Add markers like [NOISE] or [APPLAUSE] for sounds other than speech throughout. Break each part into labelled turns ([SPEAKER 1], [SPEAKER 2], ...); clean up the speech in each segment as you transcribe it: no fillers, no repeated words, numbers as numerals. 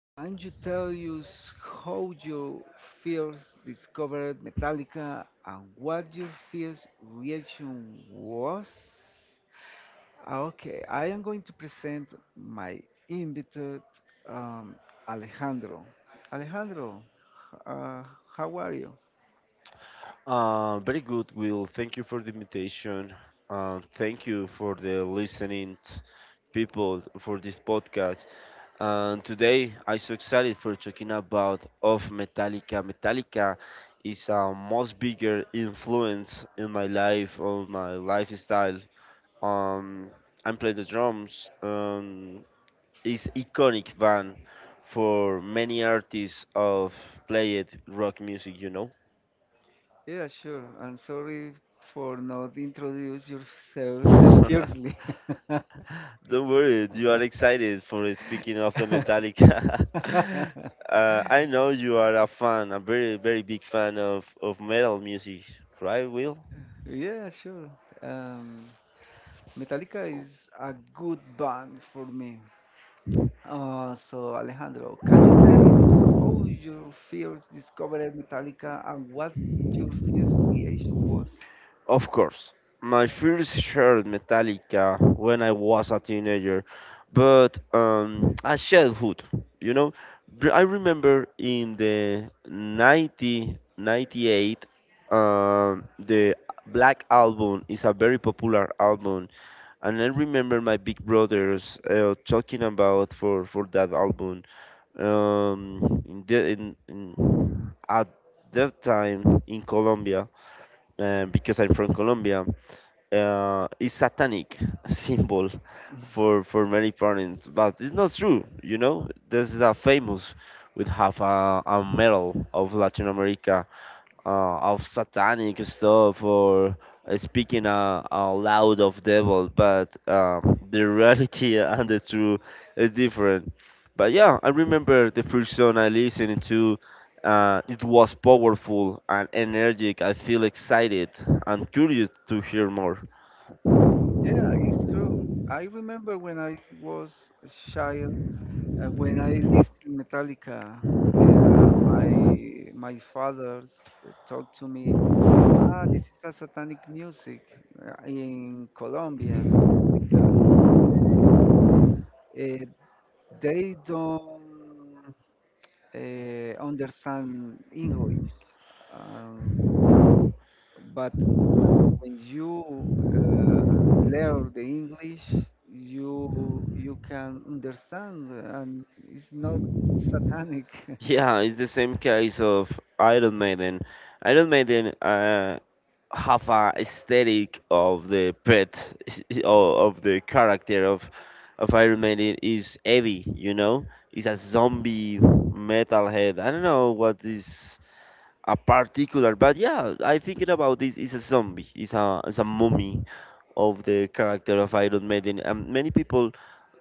[SPEAKER 1] Can you tell us how you first discovered Metallica and what your first reaction was? Okay, I am going to present my invited um, Alejandro. Alejandro, uh, how are you?
[SPEAKER 2] Very good, Will. Thank you for the invitation. Thank you for the listening people for this podcast. And today I'm so excited for talking about of Metallica. Metallica is a most bigger influence in my life, on my lifestyle. Um, I play the drums. Is iconic band for many artists of played rock music.
[SPEAKER 1] Yeah, sure. I'm sorry for not introduce yourself [LAUGHS] fiercely.
[SPEAKER 2] [LAUGHS] Don't worry, you are excited for speaking of the Metallica. [LAUGHS]
[SPEAKER 1] [LAUGHS]
[SPEAKER 2] I know you are a fan, a very, very big fan of metal music, right, Will?
[SPEAKER 1] Yeah, sure. Um, Metallica is a good band for me. So Alejandro, can you tell us how your first discovered Metallica and what your first reaction was?
[SPEAKER 2] Of course, my first shared Metallica when I was a teenager, but a childhood, you know. I remember in the 90 98, the Black Album is a very popular album, and I remember my big brothers talking about for that album. In the, in, at that time in Colombia, because I'm from Colombia, is satanic [LAUGHS] symbol for
[SPEAKER 1] [LAUGHS]
[SPEAKER 2] many parents, but it's not true. You know, this is a famous with half a medal of Latin America of satanic stuff or speaking out loud of devil, but the reality [LAUGHS] and the truth is different. But yeah, I remember the first song I listened to. It was powerful and energetic. I feel excited and curious to hear more.
[SPEAKER 1] Yeah, it's true. I remember when I was a child. When I listen Metallica, my father talked to me, ah, this is a satanic music in Colombia because uh, they don't understand English. Um, but when you uh, learn the English, you can understand, and it's not satanic. [LAUGHS]
[SPEAKER 2] Yeah, it's the same case of Iron Maiden. Iron Maiden have a aesthetic of the pet [LAUGHS] or of the character of Iron Maiden is heavy, you know. It's a zombie metalhead. I don't know what is a particular, but yeah, I thinking about this. It's a zombie. It's a mummy of the character of Iron Maiden, and many people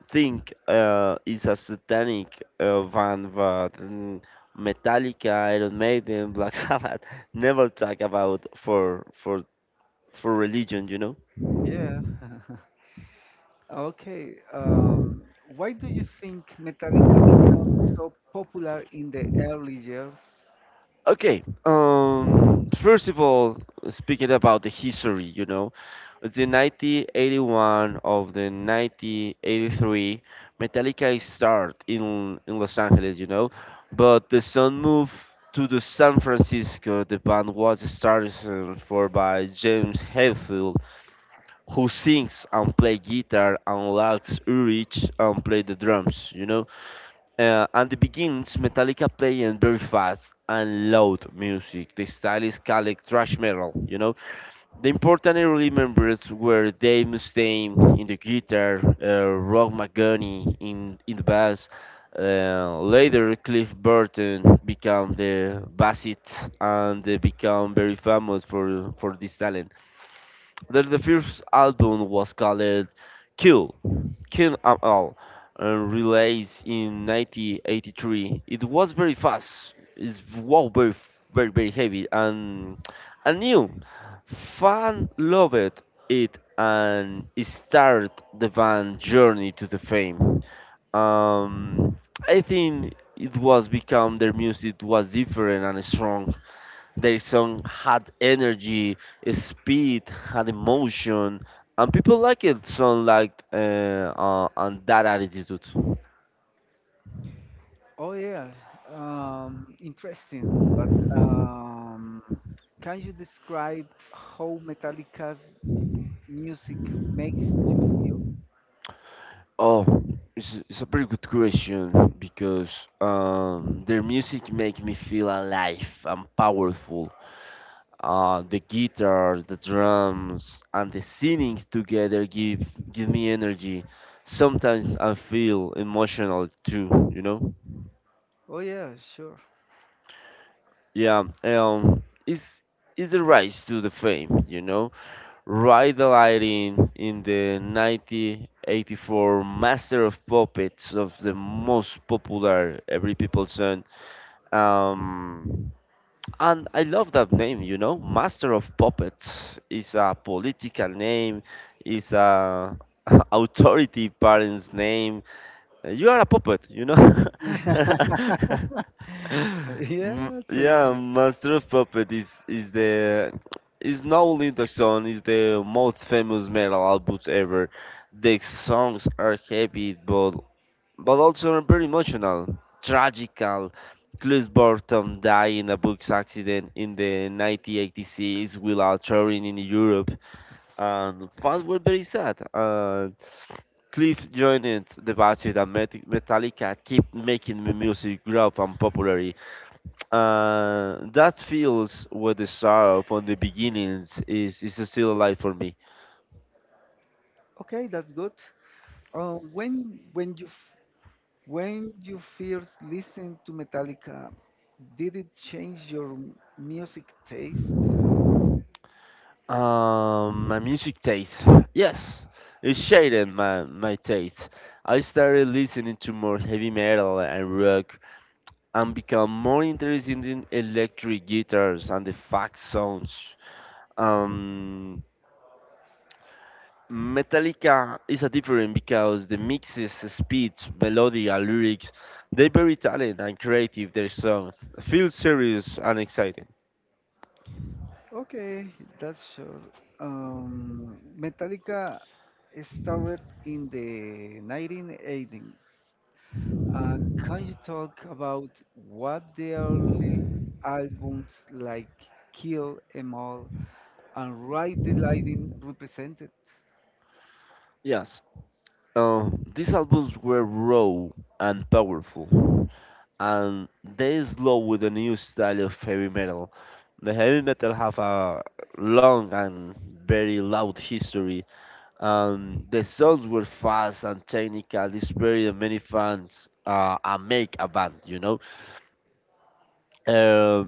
[SPEAKER 2] think is a satanic band, but mm, Metallica, Iron Maiden, Black [LAUGHS] Sabbath never talk about for religion, you know.
[SPEAKER 1] Yeah. Okay. Why do you think Metallica became so popular in the early years?
[SPEAKER 2] Okay. First of all, speaking about the history, you know, the 1981 of the 1983, Metallica is start in Los Angeles, you know, but the sound moved to the San Francisco. The band was started for by James Hetfield, who sings and play guitar, and Lars Ulrich and play the drums, you know. And it begins Metallica playing very fast and loud music. The style is called like thrash metal, you know. The important remembers were Dave Mustaine in the guitar, Rob McGonagall in the bass. Later, Cliff Burton became the bassist and they became very famous for this talent. The first album was called Kill, Ken Amal relays in 1983. It was very fast. It's wow, very heavy and new. Fan loved it and started the band journey to the fame. Um, I think it was become their music was different and strong. Their song had energy, speed, had emotion, and people like it. Song like and that attitude.
[SPEAKER 1] Oh yeah, interesting. But um, can you describe how Metallica's m- music makes you feel?
[SPEAKER 2] Oh, it's a pretty good question because their music make me feel alive and powerful. The guitar, the drums, and the singing together give me energy. Sometimes I feel emotional too, you know.
[SPEAKER 1] Oh yeah, sure.
[SPEAKER 2] Yeah, it's the rise to the fame, you know. Ride the lighting in the 1984 Master of Puppets of the most popular every people song. Um, and I love that name, you know. Master of Puppets is a political name, is a [LAUGHS] authority parent's name. You are a puppet, you know.
[SPEAKER 1] [LAUGHS] [LAUGHS] Yeah,
[SPEAKER 2] [LAUGHS] Mm, yeah,
[SPEAKER 1] absolutely.
[SPEAKER 2] Master of Puppet is not only the song is the most famous metal album ever. The songs are heavy, but also are very emotional, tragical. Cliff Burton died in a bus accident in the 1986 while touring in Europe, and fans were very sad. Cliff joined the Buzzfeed and Metallica keep making music grow and popular. That feels what the sorrow from the beginnings is still alive for me.
[SPEAKER 1] Okay, that's good. Uh, when when you When you first listened to Metallica, did it change your music taste?
[SPEAKER 2] My music taste, yes, it shaded my taste. I started listening to more heavy metal and rock, and become more interested in electric guitars and the fax sounds. Um, Metallica is a different because the mixes, speeds, melody, and lyrics, they're very talented and creative. Their songs feel serious and exciting.
[SPEAKER 1] Okay, that's sure. Metallica started in the 1980s. Uh, can you talk about what the early albums like Kill 'Em All and Ride the Lightning represented?
[SPEAKER 2] Yes, uh, these albums were raw and powerful, and they slow with the new style of heavy metal. The heavy metal have a long and very loud history, and the songs were fast and technical, inspiring many fans and make a band, you know. Uh,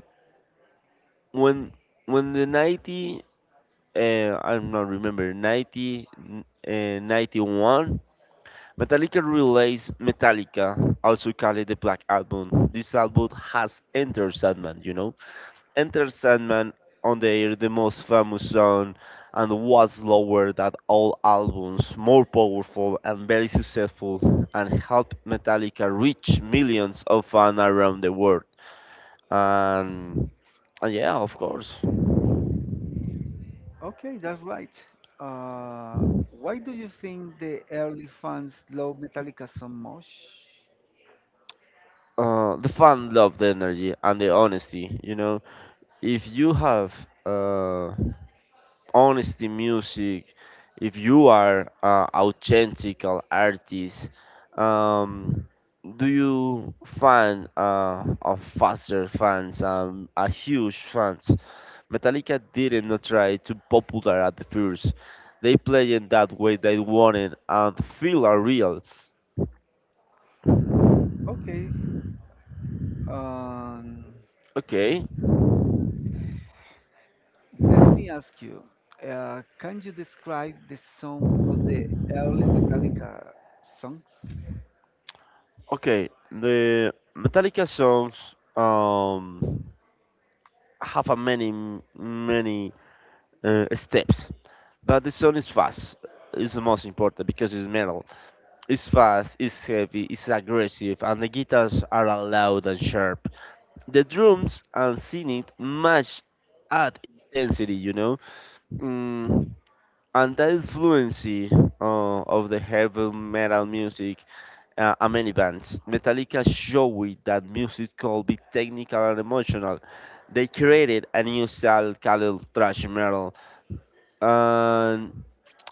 [SPEAKER 2] when when the 90 uh, I'm not remember 90 91 Metallica released Metallica also called the Black Album. This album has Enter Sandman, you know. Enter Sandman on the air the most famous song and was lower than all albums, more powerful and very successful and helped Metallica reach millions of fans around the world. And, and yeah, of course.
[SPEAKER 1] Okay, that's right. Why do you think the early fans love Metallica so much?
[SPEAKER 2] The fan love the energy and the honesty, you know, if you have uh, honesty music, if you are authentic artist, um, do you find a faster fans, a huge fans. Metallica didn't not try to popular at the first. They play in that way they wanted and feel are real.
[SPEAKER 1] Okay, um,
[SPEAKER 2] Okay,
[SPEAKER 1] let me ask you, can you describe the sound of the early Metallica songs?
[SPEAKER 2] Okay, the Metallica songs um, have a many many steps, but the song is fast. It's the most important because it's metal. It's fast, it's heavy, it's aggressive, and the guitars are loud and sharp. The drums and singing match at intensity, you know, mm, and that fluency of the heavy metal music and many bands. Metallica showed that music could be technical and emotional. They created a new style called thrash metal, and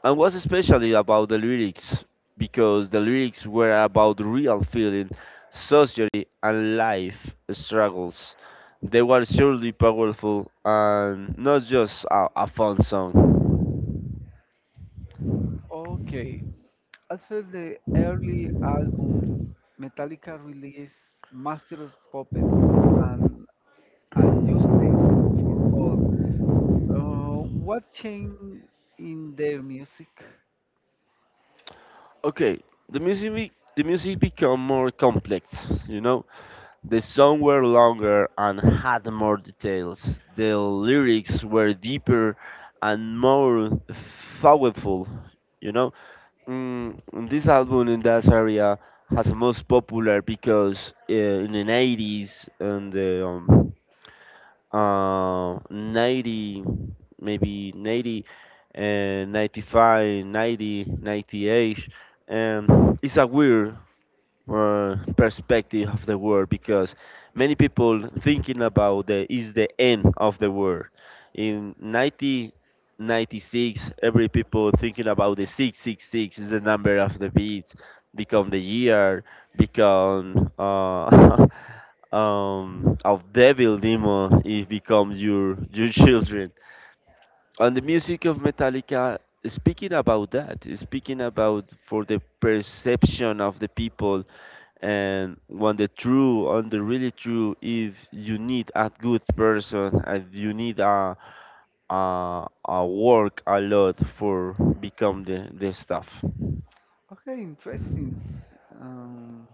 [SPEAKER 2] was especially about the lyrics because the lyrics were about real feeling, society, and life struggles. They were surely powerful and not just a fun song.
[SPEAKER 1] Okay, after the early albums, Metallica released Master of Puppets and Justice for All. What change in their music?
[SPEAKER 2] Okay, the music become more complex, you know. The songs were longer and had more details. The lyrics were deeper and more thoughtful, you know. Mm, this album in that area has most popular because in the 90s and the um, uh, 90 maybe 90 uh, 95 90 98, it's a weird perspective of the world because many people thinking about the is the end of the world in 1996. Every people thinking about the 666 is the number of the beats, become the year, become [LAUGHS] of devil demon, it become your children. And the music of Metallica speaking about that, speaking about for the perception of the people, and when the true on the really true, if you need a good person and you need a work a lot for become the stuff.
[SPEAKER 1] Okay, interesting. Um,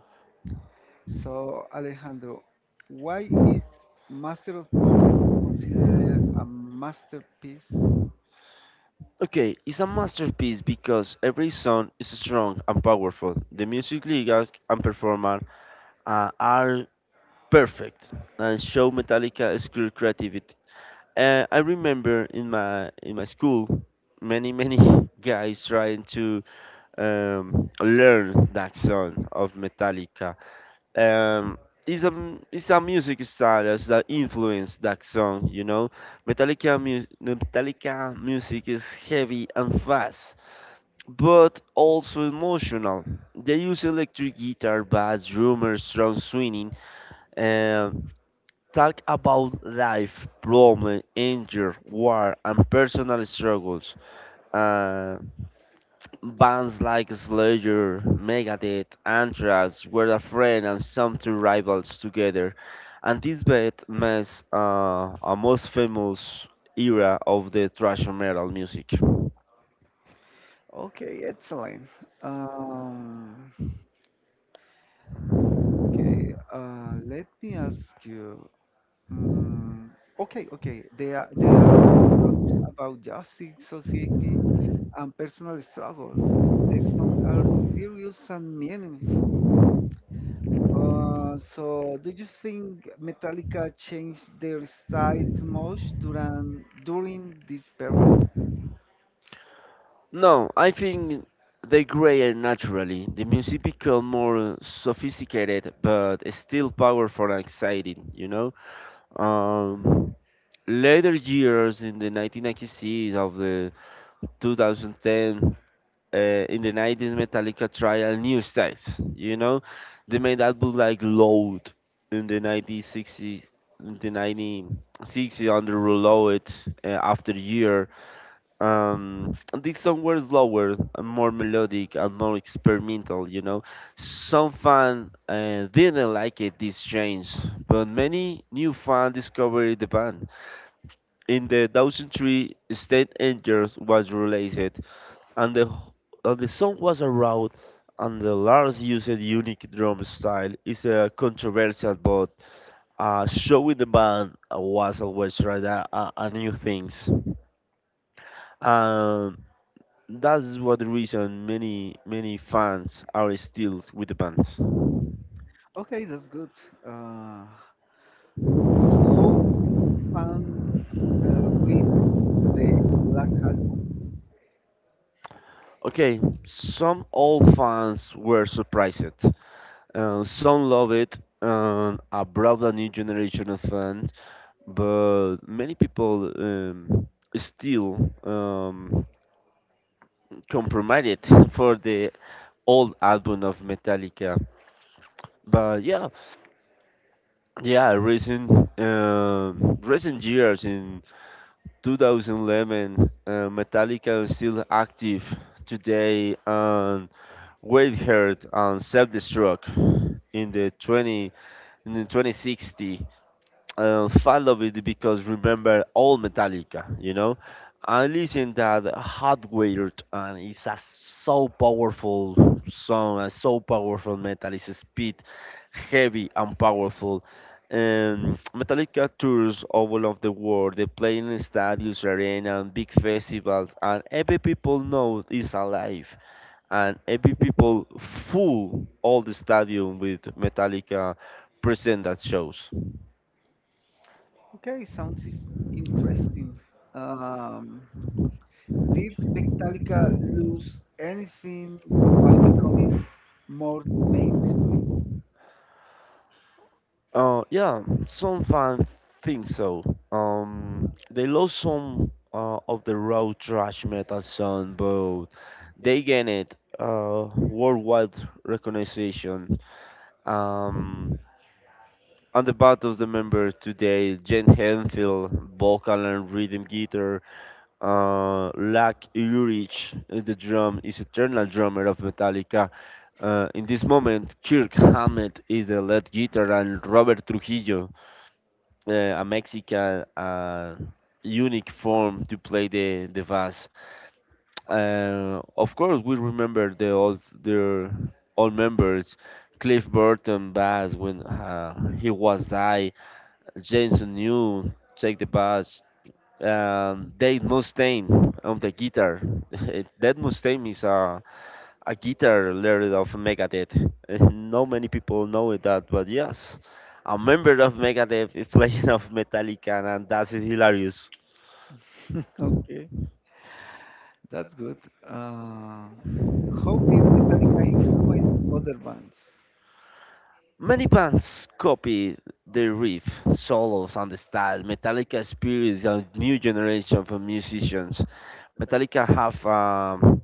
[SPEAKER 1] so, Alejandro, why is Master of Puppets considered a masterpiece?
[SPEAKER 2] Okay, it's a masterpiece because every song is strong and powerful. The music, lyrics and performance are perfect and show Metallica's clear creativity. I remember in my school, many [LAUGHS] guys trying to learn that song of Metallica. Um, it's a music style that's that influenced that song. You know, Metallica mu- Metallica music is heavy and fast, but also emotional. They use electric guitar, bass, drummers, strong swinging, and talk about life, problem, anger, war, and personal struggles. Uh, Bands like Slayer, Megadeth, Anthrax were a friend and something rivals together, and this band marks a most famous era of the thrash metal music.
[SPEAKER 1] Okay, excellent. Um, okay, let me ask you. Mm, okay, okay. The album talks about justice, society, and personal struggle. The songs are serious and meaningful. So, do you think Metallica changed their style too much during this period?
[SPEAKER 2] No, I think they grew naturally. The music became more sophisticated, but still powerful and exciting. You know, um, later years in the 1996 of the 2010, uh, in the 90s Metallica tried a new styles, you know. They made albums like Load in the 1960s, in the 1960s under Reload, after year. um these songs were slower and more melodic and more experimental, you know. Some fans didn't like it this change, but many new fans discovered the band. In the 2003 State Angels was released, and the song was around, and the Lars used unique drum style. It's a controversial, but showing the band was always trying a new things. um that's what the reason many fans are still with the band.
[SPEAKER 1] Okay, that's good. Uh, how did fans read to the Black Album?
[SPEAKER 2] Okay, some old fans were surprised. Some love it and a brought a new generation of fans, but many people still compromised [LAUGHS] for the old album of Metallica. But yeah, yeah, recent recent years in 2011, Metallica is still active today on Wade Heard on Self Destruct in the 20 in the 2060, fan of it because remember all Metallica, you know. I listen that Hot Wired and it's a so powerful song, a so powerful metal. It's speed, heavy and powerful. And Metallica tours all over the world. They play in stadiums, arena, and big festivals, and every people know is alive. And every people full all the stadium with Metallica present that shows.
[SPEAKER 1] Okay, sounds is interesting. Um, did Metallica lose anything by becoming more mainstream?
[SPEAKER 2] Yeah, some fans think so. They lost some of the raw thrash metal sound, but they gained it worldwide recognition. Um, on the back of the members today, Jen Henfield, vocal and rhythm guitar, Lack Ulrich, the drum, is eternal drummer of Metallica. In this moment, Kirk Hammett is the lead guitar, and Robert Trujillo a Mexican unique form to play the bass. Of course, we remember the old their old members, Cliff Burton bass when he was die, Jason New take the bass, Dave Mustaine on the guitar. [LAUGHS] Dave Mustaine is a guitar learned of Megadeth. [LAUGHS] Not many people know it that, but yes, a member of Megadeth is playing of Metallica, and that's hilarious.
[SPEAKER 1] [LAUGHS] Okay, that's good. Uh, how did Metallica influence other bands?
[SPEAKER 2] Many bands copy the riff, solos, and the style. Metallica spirits a new generation of musicians. Metallica have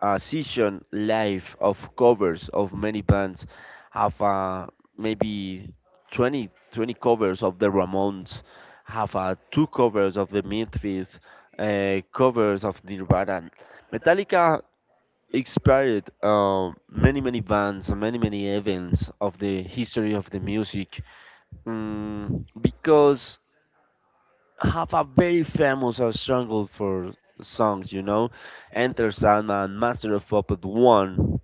[SPEAKER 2] a session live of covers of many bands have maybe 20 20 covers of the Ramones, have two covers of the Memphis, covers of Nirvana. Metallica inspired many many bands, many many events of the history of the music, because have a very famous or struggle for songs, Enter Sandman, Master of Puppet One,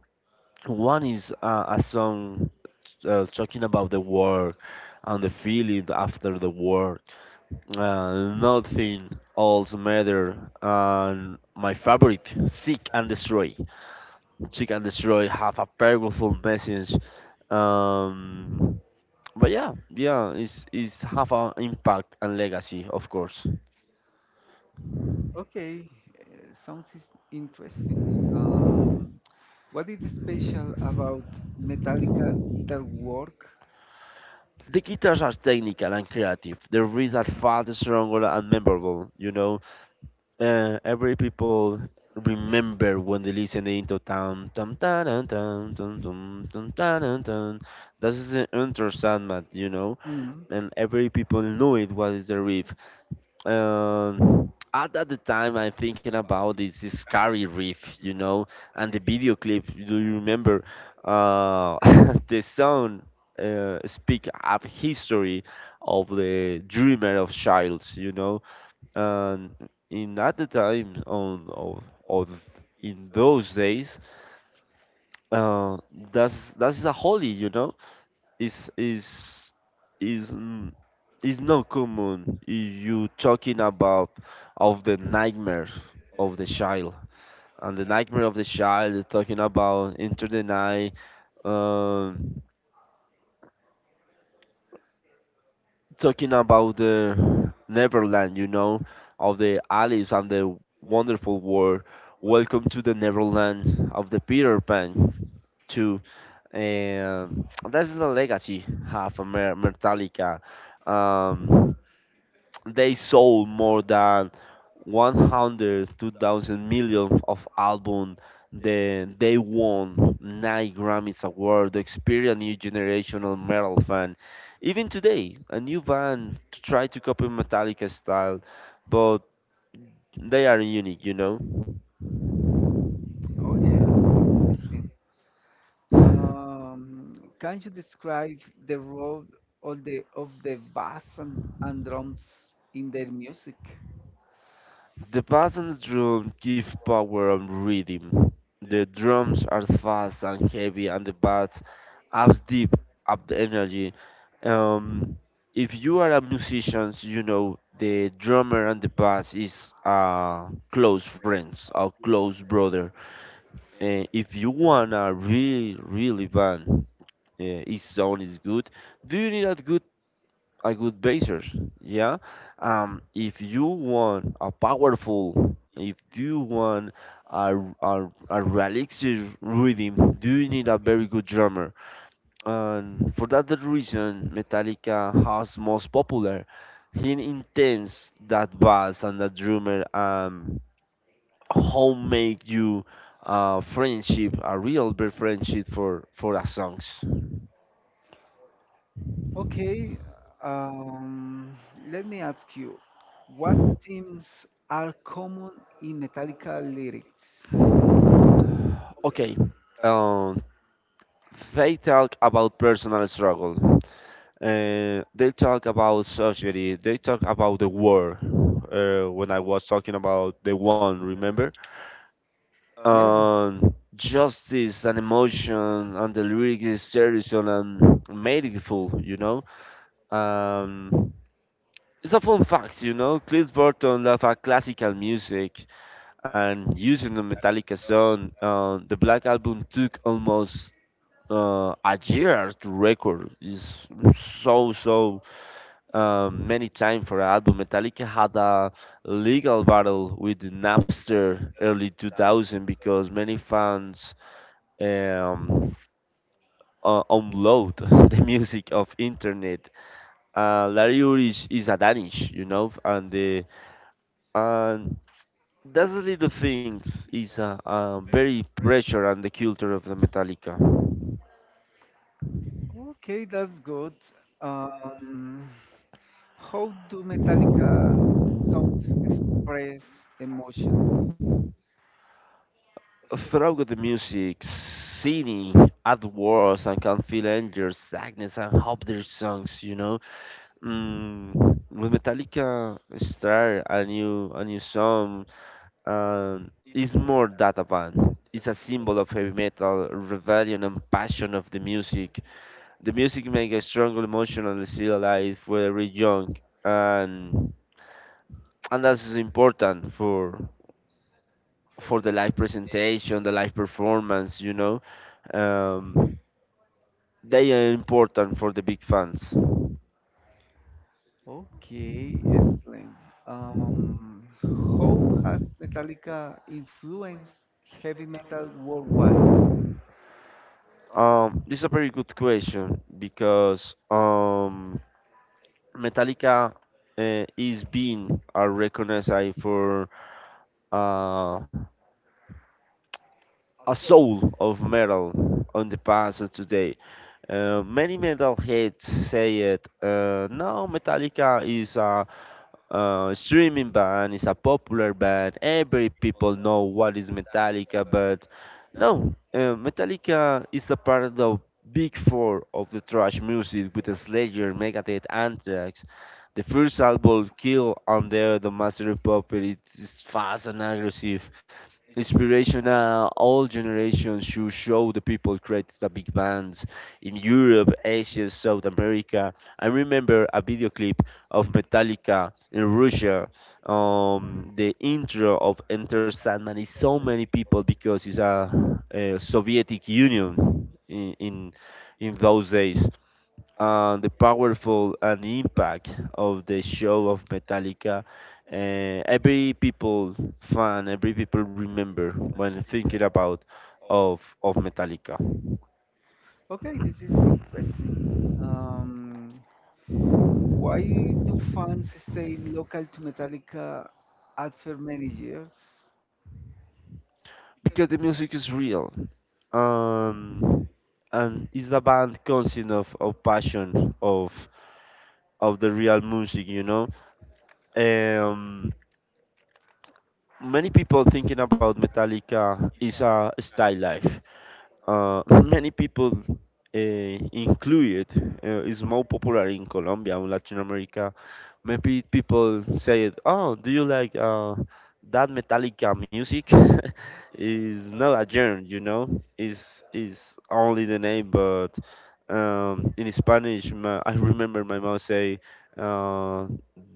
[SPEAKER 2] one is a song talking about the war and the feeling after the war. Nothing else matter. And my favorite, Seek and Destroy. Seek and Destroy have a powerful message. Um, but yeah, yeah, it's have an impact and legacy, of course.
[SPEAKER 1] Okay, sounds is interesting. Um, what is special about Metallica's guitar work?
[SPEAKER 2] The guitars are technical and creative. The riffs are fast, strong, and memorable. Every people remember when they listen the into tam tam tam tam tam tam tam tam tam tam. That is an intro sound,
[SPEAKER 1] Mm.
[SPEAKER 2] and every people knew it was the riff. At that time, I'm thinking about this scary riff, and the video clip. Do you remember? Uh, [LAUGHS] the song speak up history of the dreamer of childs, you know, and in at the time on of, in those days uh that's a holy, you know, is is is is not common you talking about of the nightmare of the child, and the nightmare of the child talking about into the night. Um Talking about the Neverland, you know, of the Alice and the Wonderful World. Welcome to the Neverland of the Peter Pan. To And that's the legacy of Metallica. Um, they sold more than 100, 2,000 million of album. Then they won nine grammys award the experience new generation of metal fan. Even today a new band try to copy Metallica style, but they are unique, you know.
[SPEAKER 1] Oh yeah, interesting. Can you describe the role of the bass and drums in their music?
[SPEAKER 2] The basson's drum give power and rhythm. The drums are fast and heavy, and the bass adds deep up the energy. Um, if you are a musician, you know the drummer and the bass is close friends or close brother. If you wanna really, really band, his sound is good. Do you need a good basis? Yeah. If you want a powerful, if you want a, a realistic rhythm, do you need a very good drummer? And for that reason, Metallica has most popular. He intends that bass and that drummer how make you friendship a real big friendship for the songs.
[SPEAKER 1] Okay, um, let me ask you, what themes are common in Metallica lyrics?
[SPEAKER 2] Okay, um, they talk about personal struggle. And they talk about society, they talk about the war, when I was talking about the one remember,
[SPEAKER 1] Yeah,
[SPEAKER 2] justice and emotion, and the lyric is serious and meaningful, you know. um it's a fun fact, you know. Cliff Burton loved classical music, and using the Metallica song, the Black Album took almost a year to record. It's so so many times for an album. Metallica had a legal battle with Napster early 2000 because many fans um, unload [LAUGHS] the music of internet. Larry Ulrich is a Danish, you know, and those little things is a very pressure on the culture of the Metallica.
[SPEAKER 1] okay, that's good. Um, how do Metallica songs express emotions?
[SPEAKER 2] Throughout the music, singing at wars and can feel anger, sadness, and hope their songs, you know. Mm, with Metallica Star, a new song, is more that a band. It's a symbol of heavy metal, rebellion, and passion of the music. The music makes a strong, emotional, still alive, whether we young, and and that's important for the live presentation, the live performance. Um, they are important for the big fans.
[SPEAKER 1] Okay, excellent. Um, how has Metallica influenced heavy metal worldwide?
[SPEAKER 2] This is a very good question because Metallica is being recognized for uh, a soul of metal on the past and today. Many metalheads say it. Now Metallica is a streaming band, is a popular band. Every people know what is Metallica, but no, Metallica is a part of the big four of the thrash music with Slayer, Megadeth, Anthrax. The first album, Kill on the Master of Puppets, is fast and aggressive. Inspiration, all generations should show the people created the big bands in Europe, Asia, South America. I remember a video clip of Metallica in Russia. The intro of Enter Sandman is so many people because it's a Soviet Union in those days and the powerful and impact of the show of Metallica. Every people fan, every people remember when thinking about of Metallica.
[SPEAKER 1] Okay, this is interesting. Um, why do fans stay local to Metallica after many years?
[SPEAKER 2] Because the music is real, um, and it's a band conscious of passion of the real music, you know. Um, Many people thinking about Metallica is a style life [LAUGHS] many people include is more popular in Colombia and Latin America. Maybe people say it, oh, do you like that Metallica music? [LAUGHS] Is not a genre, you know. Is only the name, but in Spanish, my, [LAUGHS] I remember my mom say. Uh,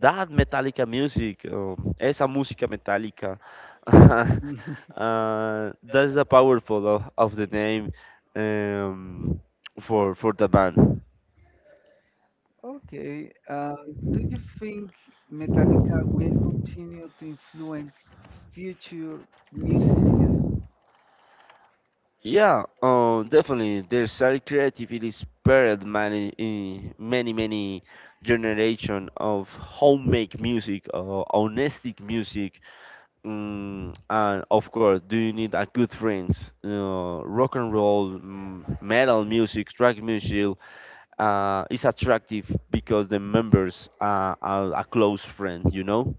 [SPEAKER 2] that Metallica music, esa música metálica, [LAUGHS]
[SPEAKER 1] [LAUGHS]
[SPEAKER 2] That's the powerful of the name, um, for the band.
[SPEAKER 1] Okay, do you think Metallica will continue to influence future musicians?
[SPEAKER 2] Yeah, definitely. Their side creativity spared many, in many, many generation of homemade music or honestic music. And of course, do you need a good friends? Rock and roll, metal music, track music is attractive because the members are a close friend, you know?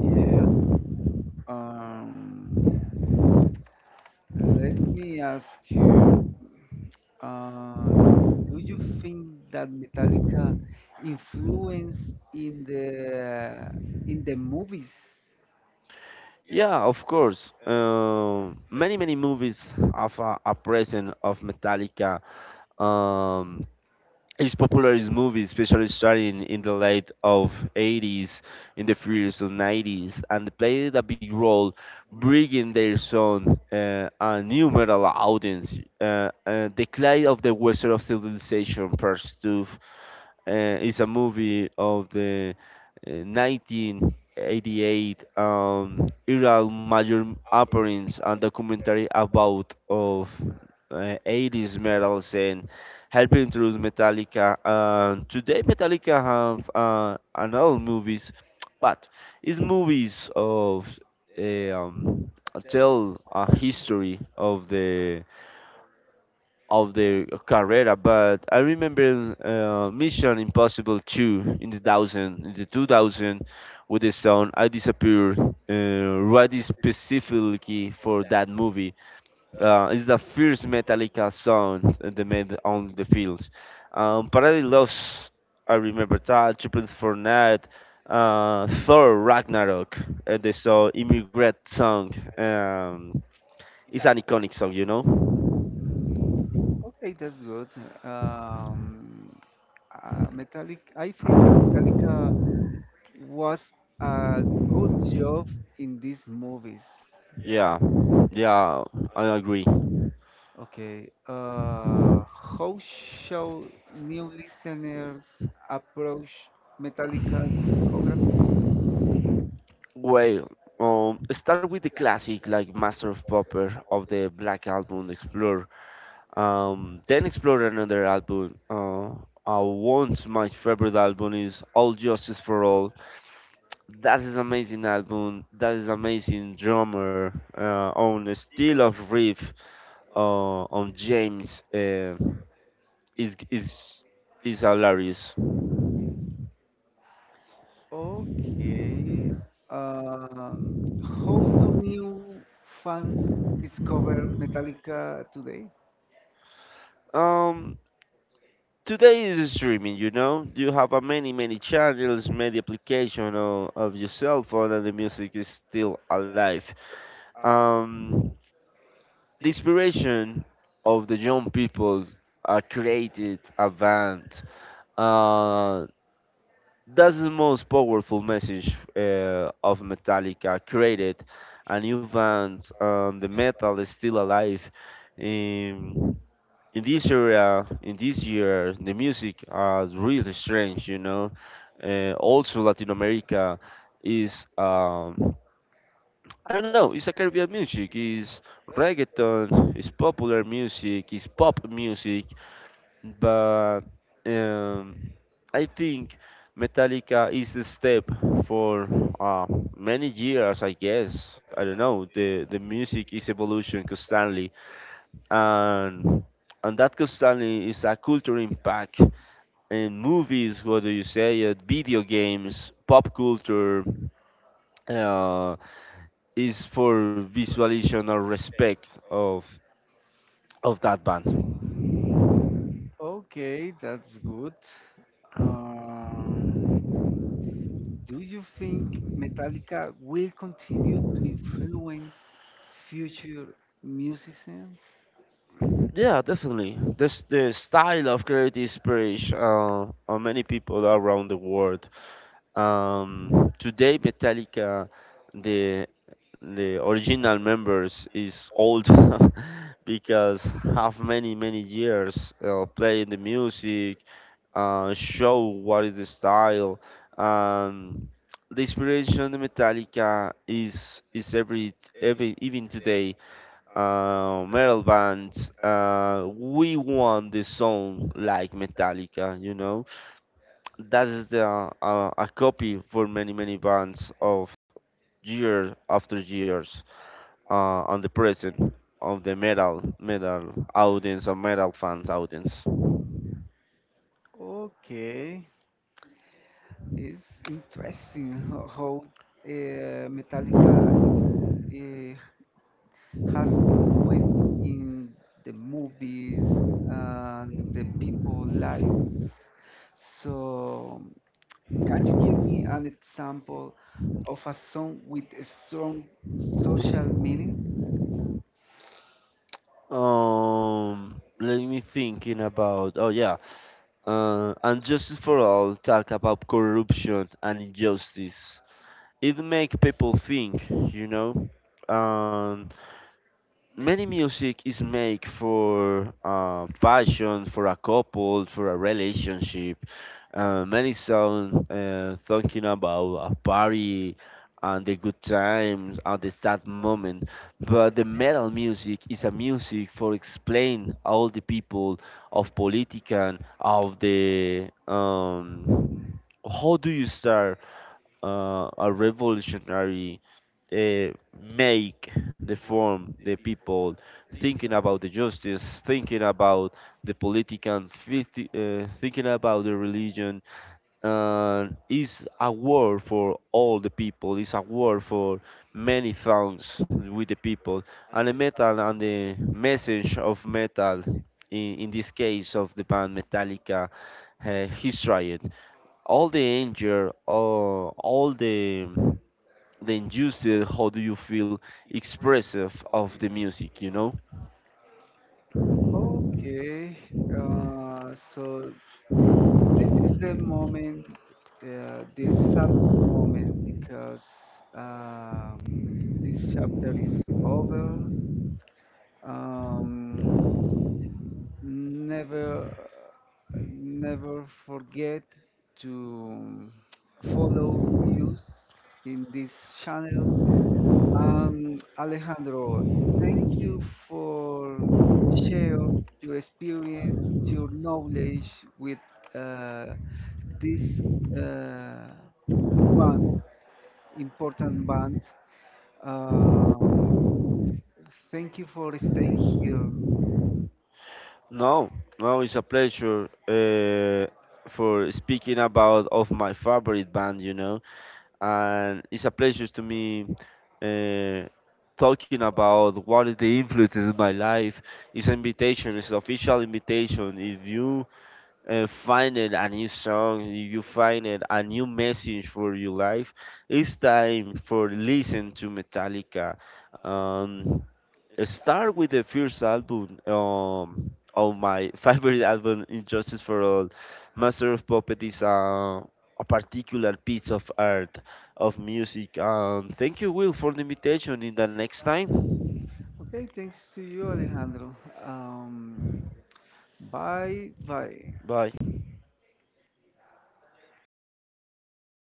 [SPEAKER 1] Yeah. Um, let me ask you, uh, do you think that Metallica influence in the in the movies?
[SPEAKER 2] Yeah, of course. Many many movies have a presence of Metallica. Um, it's popular in movies, especially starting in the late of 80s, in the previous of 90s, and they played a big role, bringing their sound a new metal audience. Decline of the Western of civilization, part two, it's a movie of the 1988, Iran major appearance and documentary about of 80s metal scene helping through Metallica. And today Metallica have another movies, but it's movies of uh, um, tell a history of the Carrera, but I remember Mission Impossible 2 in the thousand, in the 2000, with the song "I Disappeared," ready specifically for that movie. It's the first Metallica song they made on the field. Paradise Lost. I remember that. Triple for Night, Thor Ragnarok, and they saw Immigrant song. Um, it's an iconic song, you know.
[SPEAKER 1] Okay, that's good. Um, Metallic, I think that Metallica was a good job in these movies.
[SPEAKER 2] Yeah, yeah, I agree.
[SPEAKER 1] Okay, how shall new listeners approach Metallica's discography?
[SPEAKER 2] Well, start with the classic like Master of Popper of the Black Album Explore. Then explore another album. I want my favorite album is All Justice for All. That is amazing album. That is amazing drummer on the Steel of Reef on James is is is hilarious.
[SPEAKER 1] Okay. How do new fans discover Metallica today?
[SPEAKER 2] Um, Today is streaming, you know. You have a many many channels, many application of your cell phone, and the music is still alive. Um, the inspiration of the young people created a band. Uh, that's the most powerful message of Metallica. Created a new band. The metal is still alive. Um, in this area in this year the music are really strange, you know. Also Latin America is I don't know, it's a Caribbean music, is reggaeton, is popular music, is pop music, but um I think Metallica is the step for uh, many years, I guess. I don't know, the music is evolution constantly, and and that constantly is a culture impact in movies, what do you say, video games, pop culture, uh, is for visualization or respect of that band.
[SPEAKER 1] Okay, that's good. Uh, do you think Metallica will continue to influence future musicians?
[SPEAKER 2] Yeah, definitely, this the style of creative inspiration on many people around the world. Today, Metallica, the the original members is old [LAUGHS] because have many many years playing the music, show what is the style. Um, the inspiration of Metallica is every even today. Metal bands, we want the song like Metallica, you know that is the a copy for many many bands of year after years on the present of the metal audience or metal fans audience.
[SPEAKER 1] Okay, it's interesting [LAUGHS] how Metallica, uh, has influence in the movies and the people lives. So, can you give me an example of a song with a strong social meaning?
[SPEAKER 2] Let me thinking about oh yeah, and justice for all talk about corruption and injustice. It make people think, you know. um, Many music is made for passion, for a couple, for a relationship. Many song talking about a party and the good times and the sad moment. But the metal music is a music for explain all the people of political of the how do you start a revolutionary uh, make the form the people thinking about the justice, thinking about the political 50, thinking about the religion, and is a war for all the people. It's a war for many thousands with the people, and the metal and the message of metal in this case of the band Metallica, history all the anger, all the injustice, how do you feel expressive of the music, you know?
[SPEAKER 1] Okay, so this is the moment, the sad moment because um, this chapter is over. Um, Never, never forget to follow us in this channel. And Alejandro, thank you for share your experience, your knowledge with uh, this uh, band, important band. Um, thank you for staying here.
[SPEAKER 2] No, no, it's a pleasure for speaking about of my favorite band, you know, and it's a pleasure to me uh, talking about what is the influence in my life. It's an invitation, it's an official invitation. If you and finding a new song, you finding a new message for your life. It's time for listen to Metallica. Um, Start with the first album of my [LAUGHS] favorite album, Injustice for All. Master of Puppet is a particular piece of art, of music. Thank you, Will, for the invitation. In the next time,
[SPEAKER 1] Okay, thanks to you, Alejandro. Um, Bye, bye.
[SPEAKER 2] bye.